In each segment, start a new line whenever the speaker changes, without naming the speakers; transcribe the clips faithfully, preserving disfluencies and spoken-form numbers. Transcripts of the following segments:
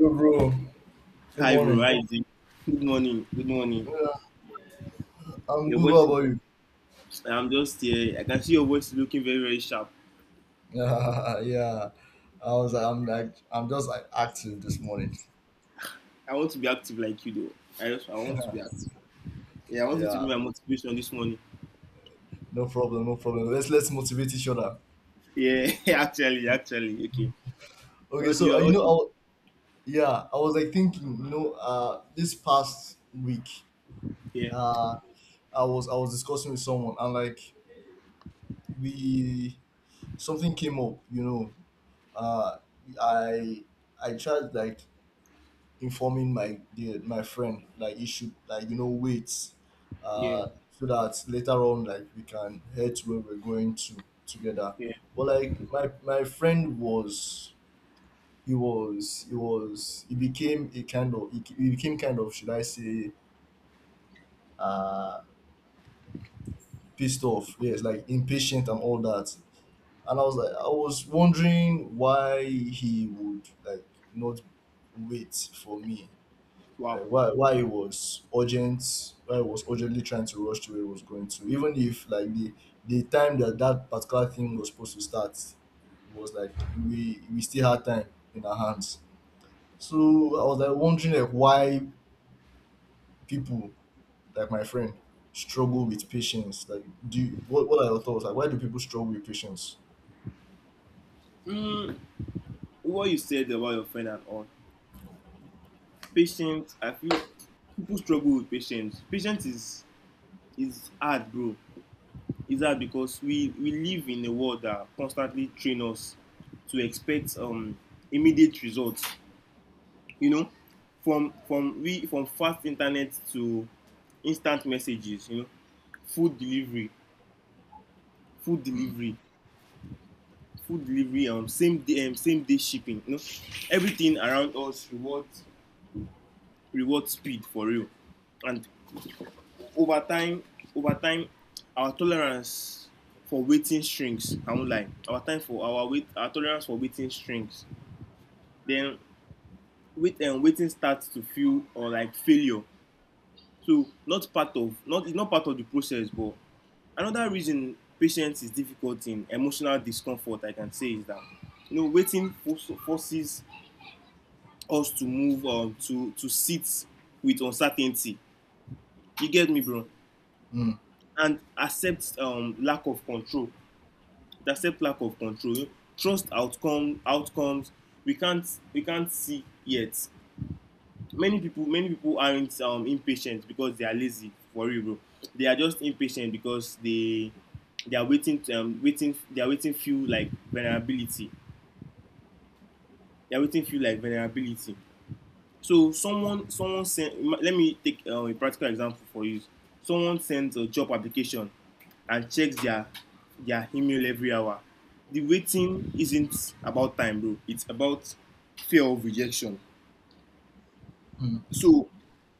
Yo, bro. Good
Hi, bro. How
morning.
you Good morning. Good morning.
Yeah, I'm
Your
good. How
voice.
about you?
I'm just here. I can see your voice looking very, very sharp.
Yeah, yeah. I was. like, I'm like. I'm just like active this morning.
I want to be active like you, though. I just, I want to be active. Yeah, I want you to be
Yeah.
my motivation this morning.
No problem. No problem. Let's let's motivate each other.
Yeah, actually, actually, okay.
Okay.
What do you?
So uh, you
What
know,
do
I,
you
wa- yeah, I was like thinking. You know, uh, this past week,
Yeah,
uh, I was I was discussing with someone and like we something came up. You know, uh, I I tried like informing my the, my friend like he should like you know wait
yeah,
uh so that later on like we can head to where we're going to together
yeah.
but like my my friend was he was he was he became a kind of he, he became kind of should I say uh pissed off, yes, like impatient and all that. And I was like I was wondering why he would like not wait for me. uh,
Wow.
why why it was urgent, why it was urgently trying to rush to where it was going to, even if like the the time that that particular thing was supposed to start was like we we still had time in our hands. So I was like wondering like why people, like my friend, struggle with patience. Like do you, what, what are your thoughts, like why do people struggle with patience?
Mm, what you said about your friend and all. Patience. I feel people struggle with patience. Patience is is hard, bro. Is that because we we live in a world that constantly train us to expect um, immediate results. You know, from from we from fast internet to instant messages. You know, food delivery, food
mm,
delivery, food delivery. Um, same day, um, same day shipping. You know, everything around us rewards rewards speed for real, and over time over time our tolerance for waiting strings, I won't lie, our time for our wait, our tolerance for waiting strings, then wait and waiting starts to feel or like failure, so not part of not it's not part of the process, but another reason patience is difficult in emotional discomfort, I can say, is that you know, waiting forces us to move, um, to to sit with uncertainty. You get me, bro?
mm,
And accept, um, lack of control. It accepts lack of control, trust outcome outcomes we can't we can't see yet. Many people many people aren't um, impatient because they are lazy, for real, bro. They are just impatient because they they are waiting to, um, waiting, they are waiting, feel like vulnerability, they are waiting, feel like vulnerability. So someone someone sent. Let me take uh, a practical example for you. Someone sends a job application and checks their their email every hour. The waiting isn't about time, bro. It's about fear of rejection.
mm.
So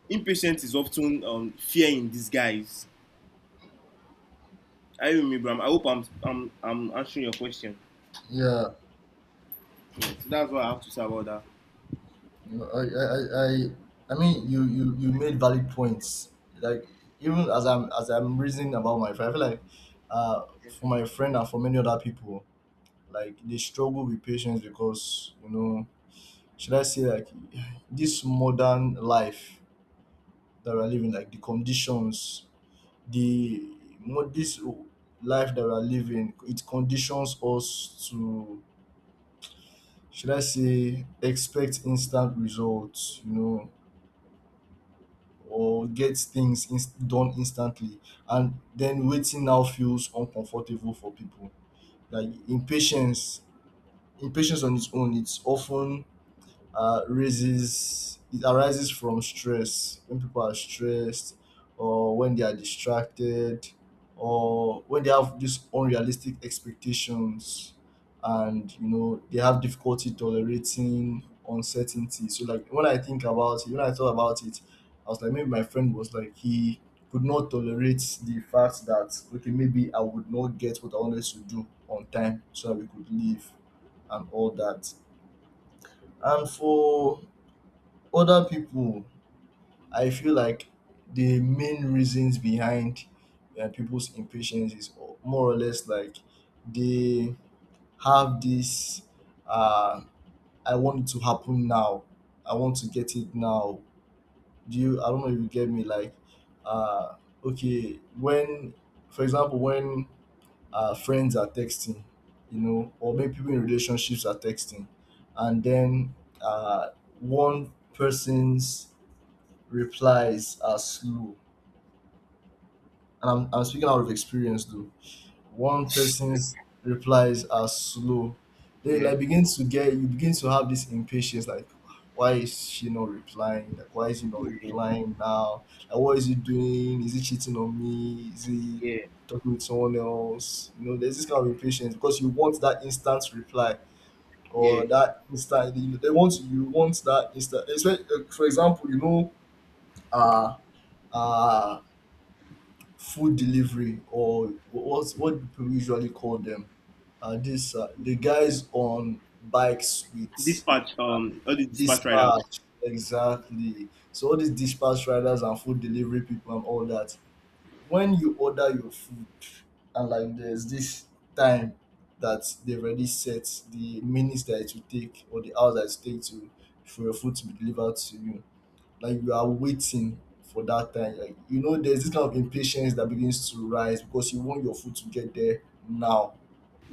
impatience is often um, fear in disguise. I remember. I hope I'm I'm I'm answering your question.
Yeah.
Yeah, so that's what I have to say about that.
No, I, I, I, I I mean, you, you, you made valid points. Like even as I'm, as I'm reasoning about my friend, I feel like, uh, for my friend and for many other people, like they struggle with patience because, you know, should I say like this modern life that we're living, like the conditions, the mo- this life that we're living, it conditions us to, should I say, expect instant results. You know, or get things inst- done instantly, and then waiting now feels uncomfortable for people. Like impatience impatience on its own, it's often uh, raises it arises from stress when people are stressed or when they are distracted or when they have these unrealistic expectations, and you know they have difficulty tolerating uncertainty. So like when I think about it, when I thought about it, I was like maybe my friend was like he could not tolerate the fact that, okay, maybe I would not get what I wanted to do on time so that we could leave and all that. And for other people, I feel like the main reasons behind uh, people's impatience is more or less like they have this uh, I want it to happen now. I want to get it now. Do you? I don't know if you get me. Like, uh, okay, when, for example, when uh, friends are texting, you know, or maybe people in relationships are texting, and then uh, one person's replies are slow. And I'm, I'm speaking out of experience though. One person's replies are slow. They
Yeah.
like begin to get, you begin to have this impatience like why is she not replying? Like why is he not
Yeah.
replying now? Like what is he doing? Is he cheating on me? Is he
Yeah.
talking with someone else? You know, there's this kind of impatience because you want that instant reply
Yeah.
or that instant, you know, they want you want that instant. It's like, uh, for example, you know, uh uh food delivery, or what's what people usually call them. Uh, this uh, the guys on bikes with
Dispatch.
uh,
Um. All the dispatch riders.
dispatch, exactly. So all these dispatch riders and food delivery people and all that. When you order your food, and like there's this time that they've already set, the minutes that it will take or the hours that it takes to for your food to be delivered to you, like you are waiting for that time. Like you know, there's this kind of impatience that begins to rise because you want your food to get there now,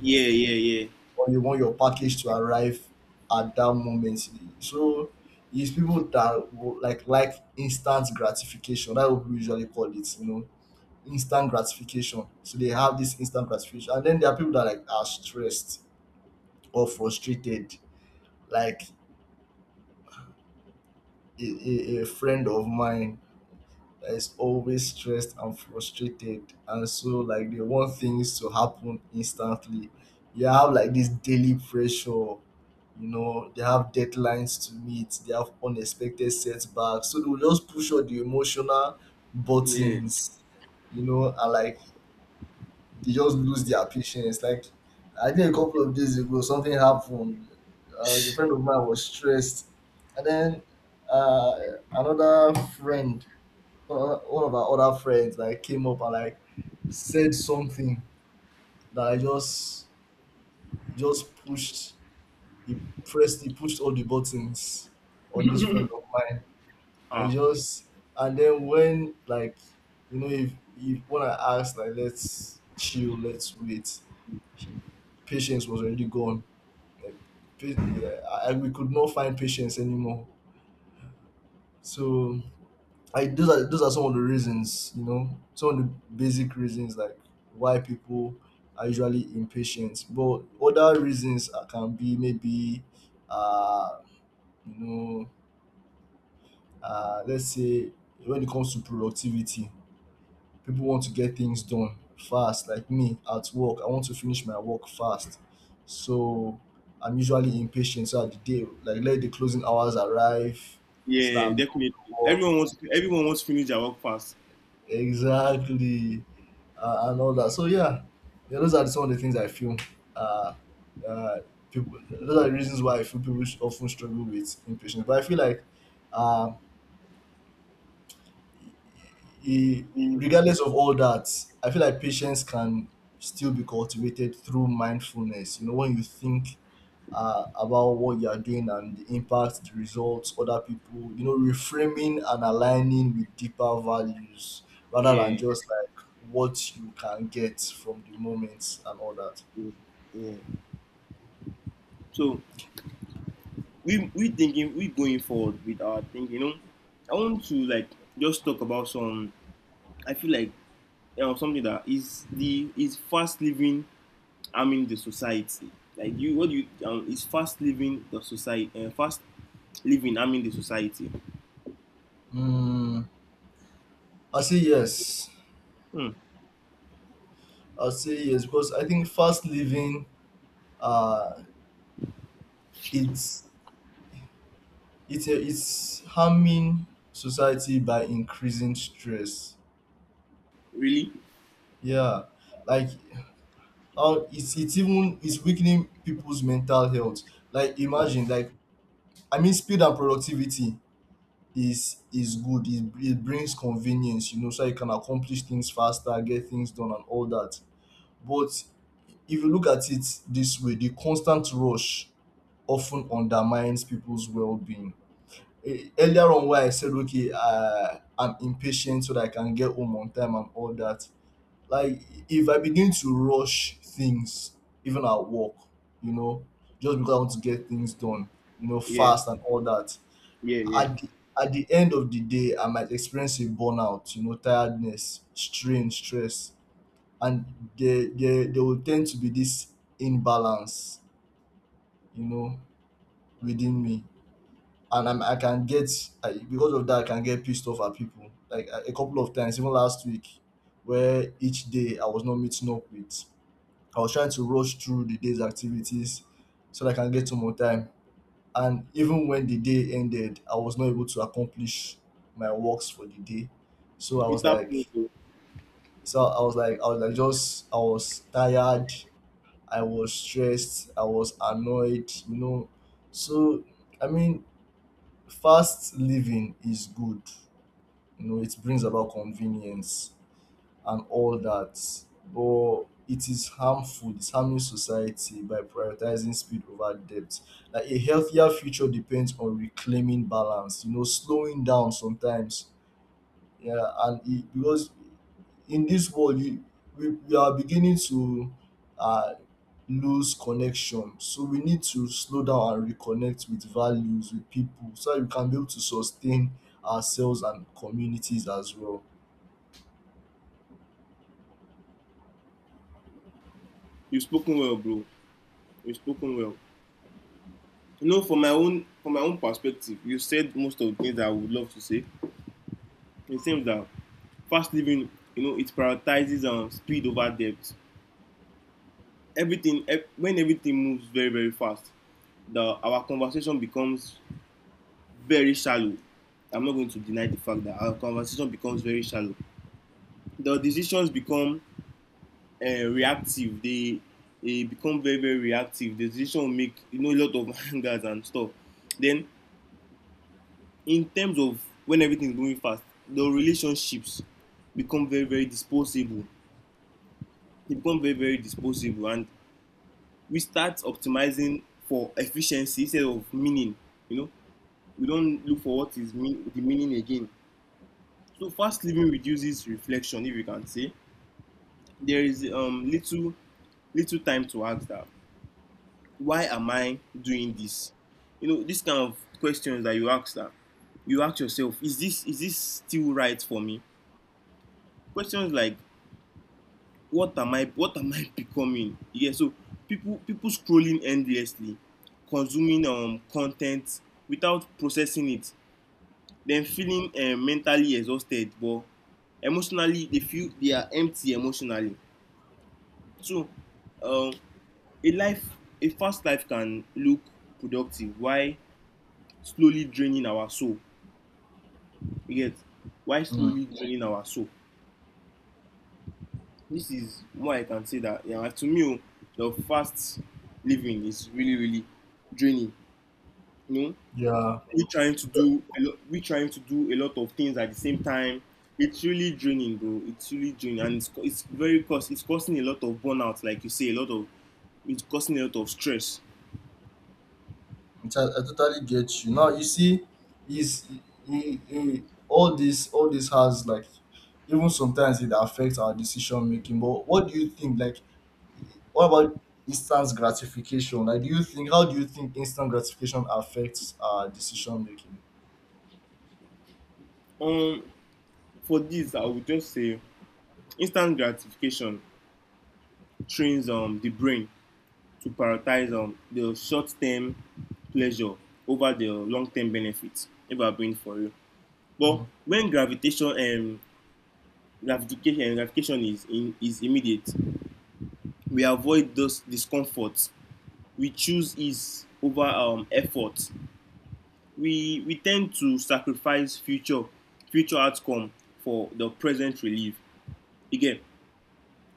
Yeah. Yeah. Yeah.
or you want your package to arrive at that moment. So it's people that will, like like instant gratification. That's what we usually call it. You know, instant gratification. So they have this instant gratification, and then there are people that like are stressed or frustrated. Like a, a, a friend of mine that is always stressed and frustrated, and so like they want things to happen instantly. You have like this daily pressure, you know, they have deadlines to meet, they have unexpected setbacks, so they'll just push all the emotional
Yeah.
buttons, you know. And like they just lose their patience. Like I think a couple of days ago something happened. Uh, a friend of mine was stressed, and then uh, another friend, uh, one of our other friends, like came up and like said something that I just just pushed. He pressed, he pushed all the buttons on this friend of mine. I
Ah.
just And then when like, you know, if if when I asked like let's chill, let's wait, he, patience was already gone. Like pa- yeah, I, I- we could not find patience anymore. So I those are those are some of the reasons, you know, some of the basic reasons like why people are usually impatient. But other reasons uh, can be maybe, uh, you know, uh, let's say when it comes to productivity, people want to get things done fast. Like me at work, I want to finish my work fast, so I'm usually impatient. So at the day, like let the closing hours arrive, so that
Yeah,
I'm done
definitely.
with work
Everyone wants everyone wants to finish their work fast.
exactly uh, and all that, so yeah. Yeah, those are some of the things I feel uh uh people, those are the reasons why I feel people sh- often struggle with impatience. But I feel like um e-
Mm,
regardless of all that, I feel like patience can still be cultivated through mindfulness, you know, when you think uh, about what you are doing and the impact, the results, other people, you know, reframing and aligning with deeper values rather than
yeah,
just like what you can get from the moments and all that.
yeah. Yeah. So we we thinking we going forward with our thing. You know, I want to like just talk about some. I feel like, you know, something that is the is fast living harming the society. Like you, what you um, is fast living the society. Uh, fast living harming the society.
Mm, I say yes.
Hmm.
I say yes because I think fast living, uh, it's it's a, it's harming society by increasing stress.
Really?
Yeah, like, or it's it's even it's weakening people's mental health. Like imagine, like, I mean, speed and productivity is is good. It, it brings convenience, you know, so you can accomplish things faster, get things done, and all that. But if you look at it this way, the constant rush often undermines people's well-being. Eh, earlier on, why I said okay, uh, I'm impatient so that I can get home on time and all that, like if I begin to rush things, even at work, you know, just because I want to get things done, you know,
Yeah,
fast and all that,
yeah, yeah.
at the, at the end of the day, I might experience a burnout, you know, tiredness, strain, stress. And there, there, there will tend to be this imbalance, you know, within me. And I'm, I can get, I, because of that, I can get pissed off at people. Like a a couple of times, even last week, where each day I was not meeting up with. I was trying to rush through the day's activities so that I can get some more time. And even when the day ended, I was not able to accomplish my works for the day. So I was
It
like,
happens, bro.
so I was like, I was like, just, I was tired. I was stressed. I was annoyed, you know. So, I mean, fast living is good. You know, it brings about convenience and all that, but it is harmful it's harming society by prioritizing speed over depth. Like a healthier future depends on reclaiming balance, you know, slowing down sometimes. Yeah, and it, because in this world, you, we, we are beginning to uh, lose connection. So we need to slow down and reconnect with values, with people, so that we can be able to sustain ourselves and communities as well.
You've spoken well, bro. You've spoken well. You know, from my own from my own perspective, you said most of the things that I would love to say. It seems that fast living, you know, it prioritizes um, speed over depth. Everything ev- when everything moves very, very fast, the our conversation becomes very shallow. I'm not going to deny the fact that our conversation becomes very shallow. The decisions become uh, reactive. They they become very, very reactive. The decision will make, you know, a lot of hangers and stuff. Then, in terms of when everything is moving fast, the relationships become very, very disposable, they become very, very disposable, and we start optimizing for efficiency instead of meaning. You know, we don't look for what is mean, the meaning again. So fast living reduces reflection, if you can say. There is um, little little time to ask that, why am I doing this? You know, this kind of questions that you ask, that you ask yourself, is this is this still right for me? Questions like, what am i what am I becoming? Yeah. So people, people scrolling endlessly, consuming um content without processing it, then feeling um, mentally exhausted, but emotionally they feel they are empty emotionally. So, um, a life, a fast life, can look productive while slowly draining our soul. You get? While
Mm.
slowly draining our soul. This is why I can say that yeah, like, to me, oh, the fast living is really, really draining. You know,
Yeah.
we trying to do a lot, we trying to do a lot of things at the same time. It's really draining, bro. It's really draining, and it's co- it's very cost. It's causing a lot of burnout, like you say, a lot of, it's causing a lot of stress.
I, I totally get you. Now you see, is he, he, all this all this has like, even sometimes it affects our decision making. But what do you think? Like, what about instant gratification? Like, do you think, how do you think instant gratification affects our decision making?
Um, for this, I would just say instant gratification trains um the brain to prioritize on the short term pleasure over the long term benefits, if I bring for you. But
Mm.
when gravitation and gratification gratification is in, is immediate, we avoid those discomforts. We choose ease over um, effort. We we tend to sacrifice future future outcome for the present relief. Again,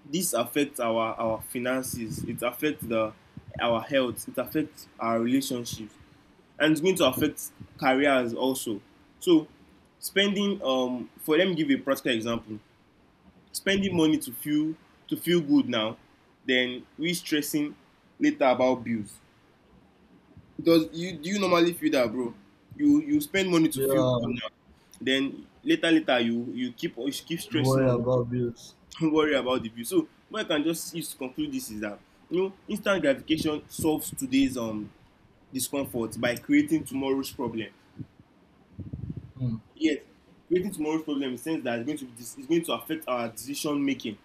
this affects our our finances. It affects the our health. It affects our relationships, and it's going to affect careers also. So spending um for let me give you a practical example. Spending money to feel to feel good now, then we stressing later about bills. Does you, do you normally feel that, bro? You you spend money to
Yeah,
feel good now, then later later you you keep, you keep stressing
worry
on
about bills.
don't worry about the bill. So what I can just use to conclude this is that, you know, instant gratification solves today's um discomfort by creating tomorrow's problem.
Mm.
Yet, creating tomorrow's problem, in the sense that it's going to be, it's going to affect our decision making.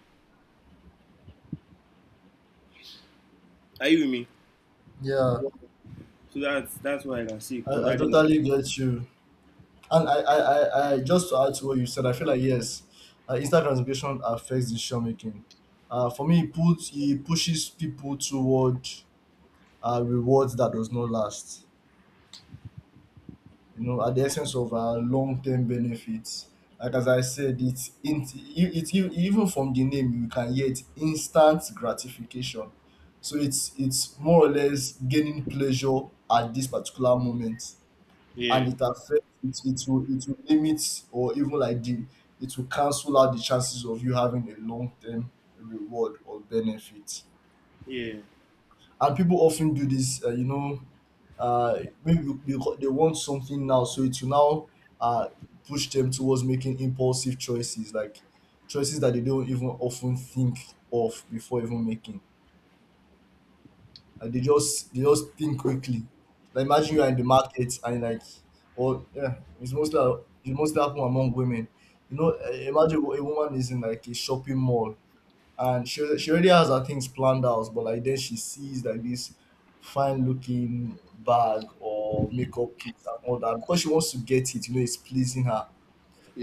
Are you with me?
Yeah,
Yeah. So that's that's what I can see
I, I
regarding that.
totally get you. And I, I, I, I just to add to what you said, I feel like yes, uh, instant gratification affects decision making. Uh, for me, it puts it pushes people toward uh, rewards that does not last. You know, at the essence of uh, long term benefits. Like as I said, it's in, it, it even from the name you can hear it, instant gratification. So it's it's more or less gaining pleasure at this particular moment,
Yeah,
and it affects it it will it will limit, or even like the it will cancel out the chances of you having a long term reward or benefit.
yeah,
And people often do this, uh, you know, uh, maybe because they want something now, so it will now uh, push them towards making impulsive choices, like choices that they don't even often think of before even making. and they just they just think quickly. Like imagine you are in the market and like, or yeah, it's mostly it mostly happen among women. You know, eh, imagine a woman is in like a shopping mall, and she she already has her things planned out, but like then she sees like this fine looking bag or makeup kit and all that because she wants to get it. You know, it's pleasing her,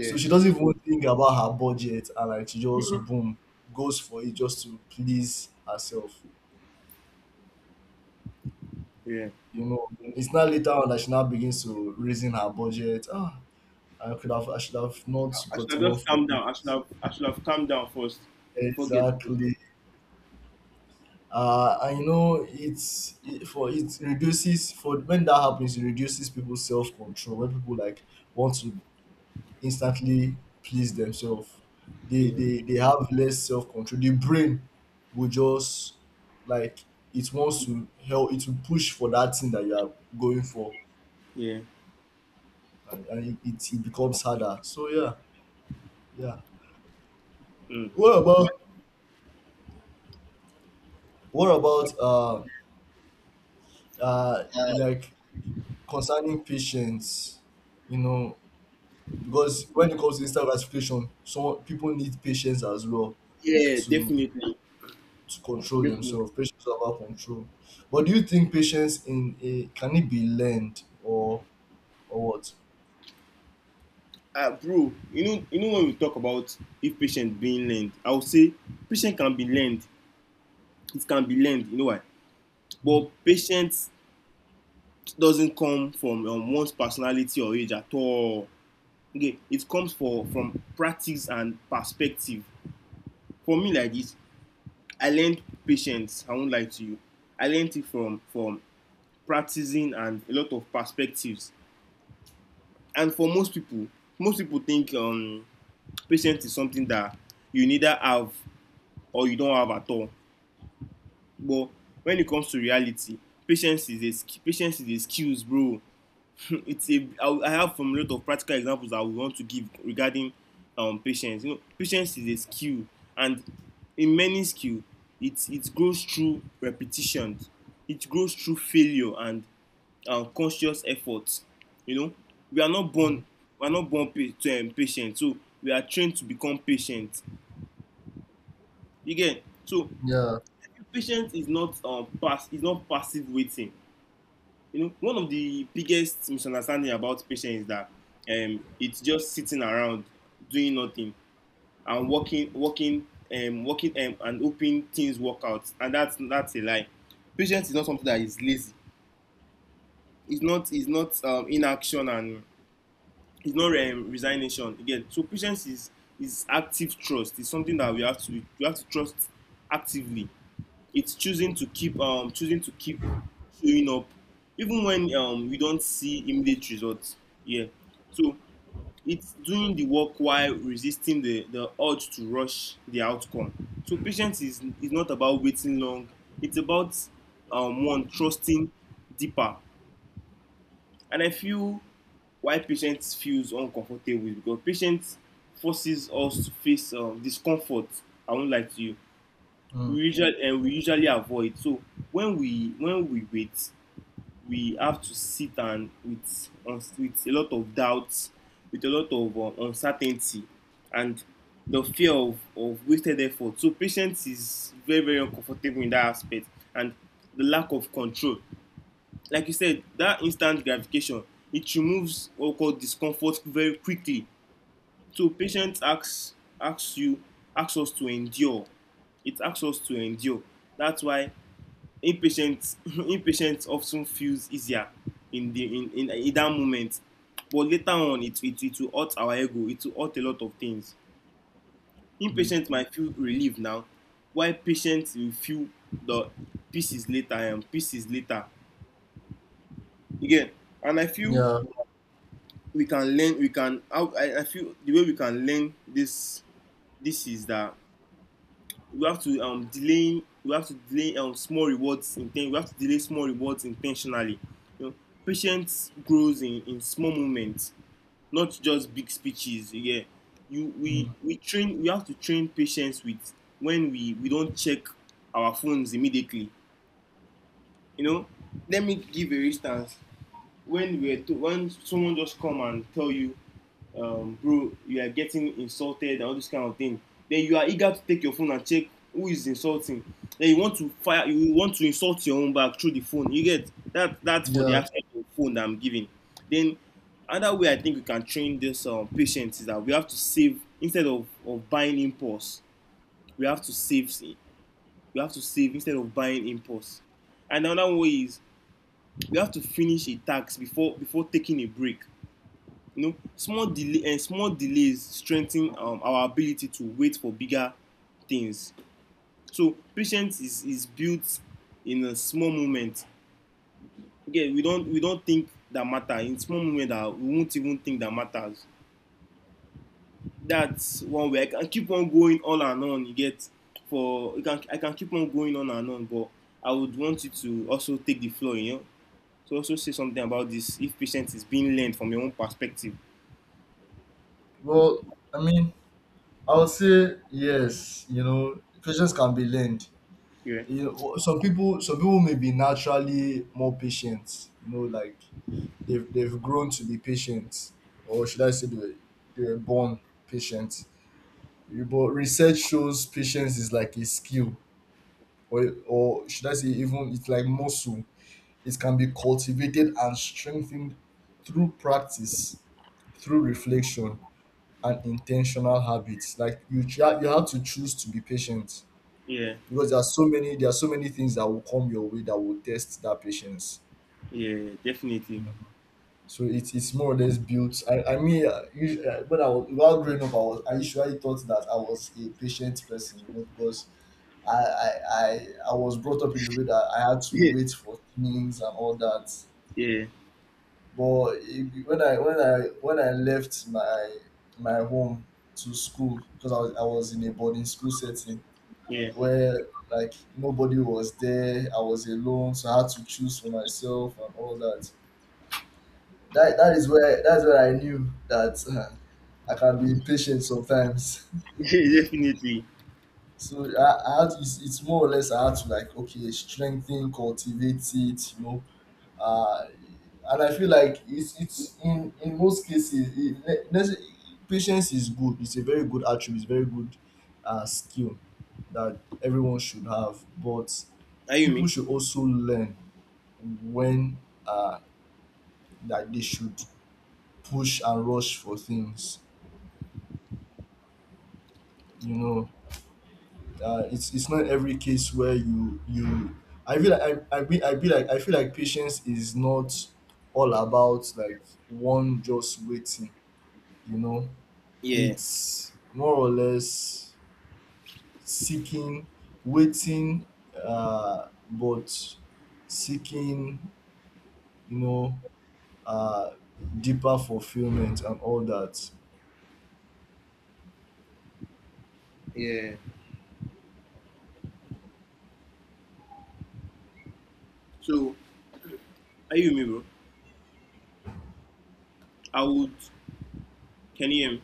so she doesn't even think about her budget, and like she just boom goes for it just to please herself.
Yeah.
You know, it's not later on that she now begins to raising her budget. Ah, I could have, I should have not
I
got
should have
gone
just
for
calmed
this.
down. I should have I should have calmed down first before getting.
Exactly. Uh, and you know, it's it, for it reduces for when that happens, it reduces people's self control. When people like want to instantly please themselves, they
Yeah,
they they have less self control. The brain will just like it wants to help it will push for that thing that you are going for.
yeah,
And, and it, it becomes harder, so yeah. Yeah.
mm.
What about what about uh uh like concerning patience? You know, because when it comes to instant gratification, some people need patience as well
Yeah.
to
Definitely,
to control
definitely.
themselves. Patience is about control. But do you think patience in a can it be learned, or or what?
Uh, bro, you know, you know, when we talk about if patient being learned, I would say patient can be learned. It can be learned. You know why?
Mm,
But patience doesn't come from um, one's personality or age at all. Okay, it comes for from practice and perspective. For me, like this, I learned patience. I won't lie to you. I learned it from from practicing and a lot of perspectives. And for most people, most people think um, patience is something that you neither have, or you don't have at all. But when it comes to reality, patience is a patience is a skills, bro. It's a. I have, from a lot of practical examples that we want to give regarding um patience. You know, patience is a skill, and in many skill, it it grows through repetition, it grows through failure and um, conscious effort. You know, we are not
mm,
born we are not born pa- to um, patient, so we are trained to become patient. Again, so
yeah.
patience is not um pass is not passive waiting. You know, one of the biggest misunderstanding about patients is that um, it's just sitting around doing nothing and working, working, um, working, um, and hoping things work out. And that's that's a lie. Patience is not something that is lazy. It's not, it's not um, inaction, and it's not um, resignation again. So patience is is active trust. It's something that we have to, we have to trust actively. It's choosing to keep um choosing to keep showing up, even when um we don't see immediate results. Yeah. So it's doing the work while resisting the the urge to rush the outcome. So patience is is not about waiting long, it's about um one trusting deeper. And I feel why patience feels uncomfortable is because patience forces us to face um discomfort, I won't lie to you, we
Mm,
usually and we usually avoid. So when we, when we wait, we have to sit and with uns- with a lot of doubts, with a lot of um, uncertainty, and the fear of of wasted effort. So patience is very, very uncomfortable in that aspect. And the lack of control, like you said, that instant gratification, it removes what we call discomfort very quickly, so patience asks, asks you, asks us to endure, it asks us to endure. That's why impatience impatience often feels easier in the, in in in that moment, but later on it it it will hurt our ego, it will hurt a lot of things.
mm,
Impatience might feel relieved now while patient will feel the pieces later, and pieces later again. And I feel
yeah.
we can learn, we can, i i feel the way we can learn this, this is that we have to um delay, we have to delay um small rewards inten we have to delay small rewards intentionally. You know, patience grows in in small moments, not just big speeches. Yeah, you, we
Mm,
we train, we have to train patience with, when we we don't check our phones immediately. You know, let me give a instance, when we were to, when someone just come and tell you, um, bro, you are getting insulted and all this kind of thing. Then you are eager to take your phone and check who is insulting. Then you want to fire, you want to insult your own back through the phone. You get that? That's for the
yeah.
aspect of phone that I'm giving. Then another way I think we can train this um, patience is that we have to save instead of, of buying impulse. We have to save. We have to save instead of buying impulse. And another way is we have to finish a task before before taking a break. You know, small delay and small delays strengthen um, our ability to wait for bigger things. So patience is is built in a small moment. Okay, we don't, we don't think that matter, in small moment that we won't even think that matters. That's one way I can keep on going on and on. You get? For you, can, I can keep on going on and on, but I would want you to also take the floor, you know, to also say something about this, if patience is being learned from your own perspective.
Well, I mean, I would say yes. You know, patience can be learned.
Yeah.
You know, some people, some people may be naturally more patient. You know, like they've they've grown to be patient, or should I say, they were, they were born patient. But research shows patience is like a skill, or or should I say, even it's like muscle. It can be cultivated and strengthened through practice, through reflection, and intentional habits. Like you, try, you have to choose to be patient,
Yeah.
because there are so many there are so many things that will come your way that will test that patience.
Yeah, definitely.
So it's it's more or less built. I I mean, uh, usually, uh, when I was while growing up, I was I usually thought that I was a patient person, you know, because I I I, I was brought up in a way that I had to
Yeah,
wait for things and all that.
yeah,
But it, when I when I when I left my my home to school, because I was I was in a boarding school setting
yeah,
where like nobody was there. I was alone, so I had to choose for myself and all that. That that is where that's where I knew that I can be impatient sometimes.
yeah, definitely.
So I, I had it's, it's more or less I had to like okay strengthen, cultivate it, you know. Uh, and I feel like it's it's in in most cases it, ne- ne- patience is good. It's a very good attribute. It's very good uh, skill that everyone should have. But
Are you
people
me?
should also learn when uh, that they should push and rush for things. You know, uh, it's it's not every case where you you I feel like I I be I be like I feel like patience is not all about like one just waiting, you know.
Yeah,
It's more or less seeking, waiting, uh, but seeking, you know, uh, deeper fulfillment and all that.
yeah. So, are you me, bro? I would. Can you hear me?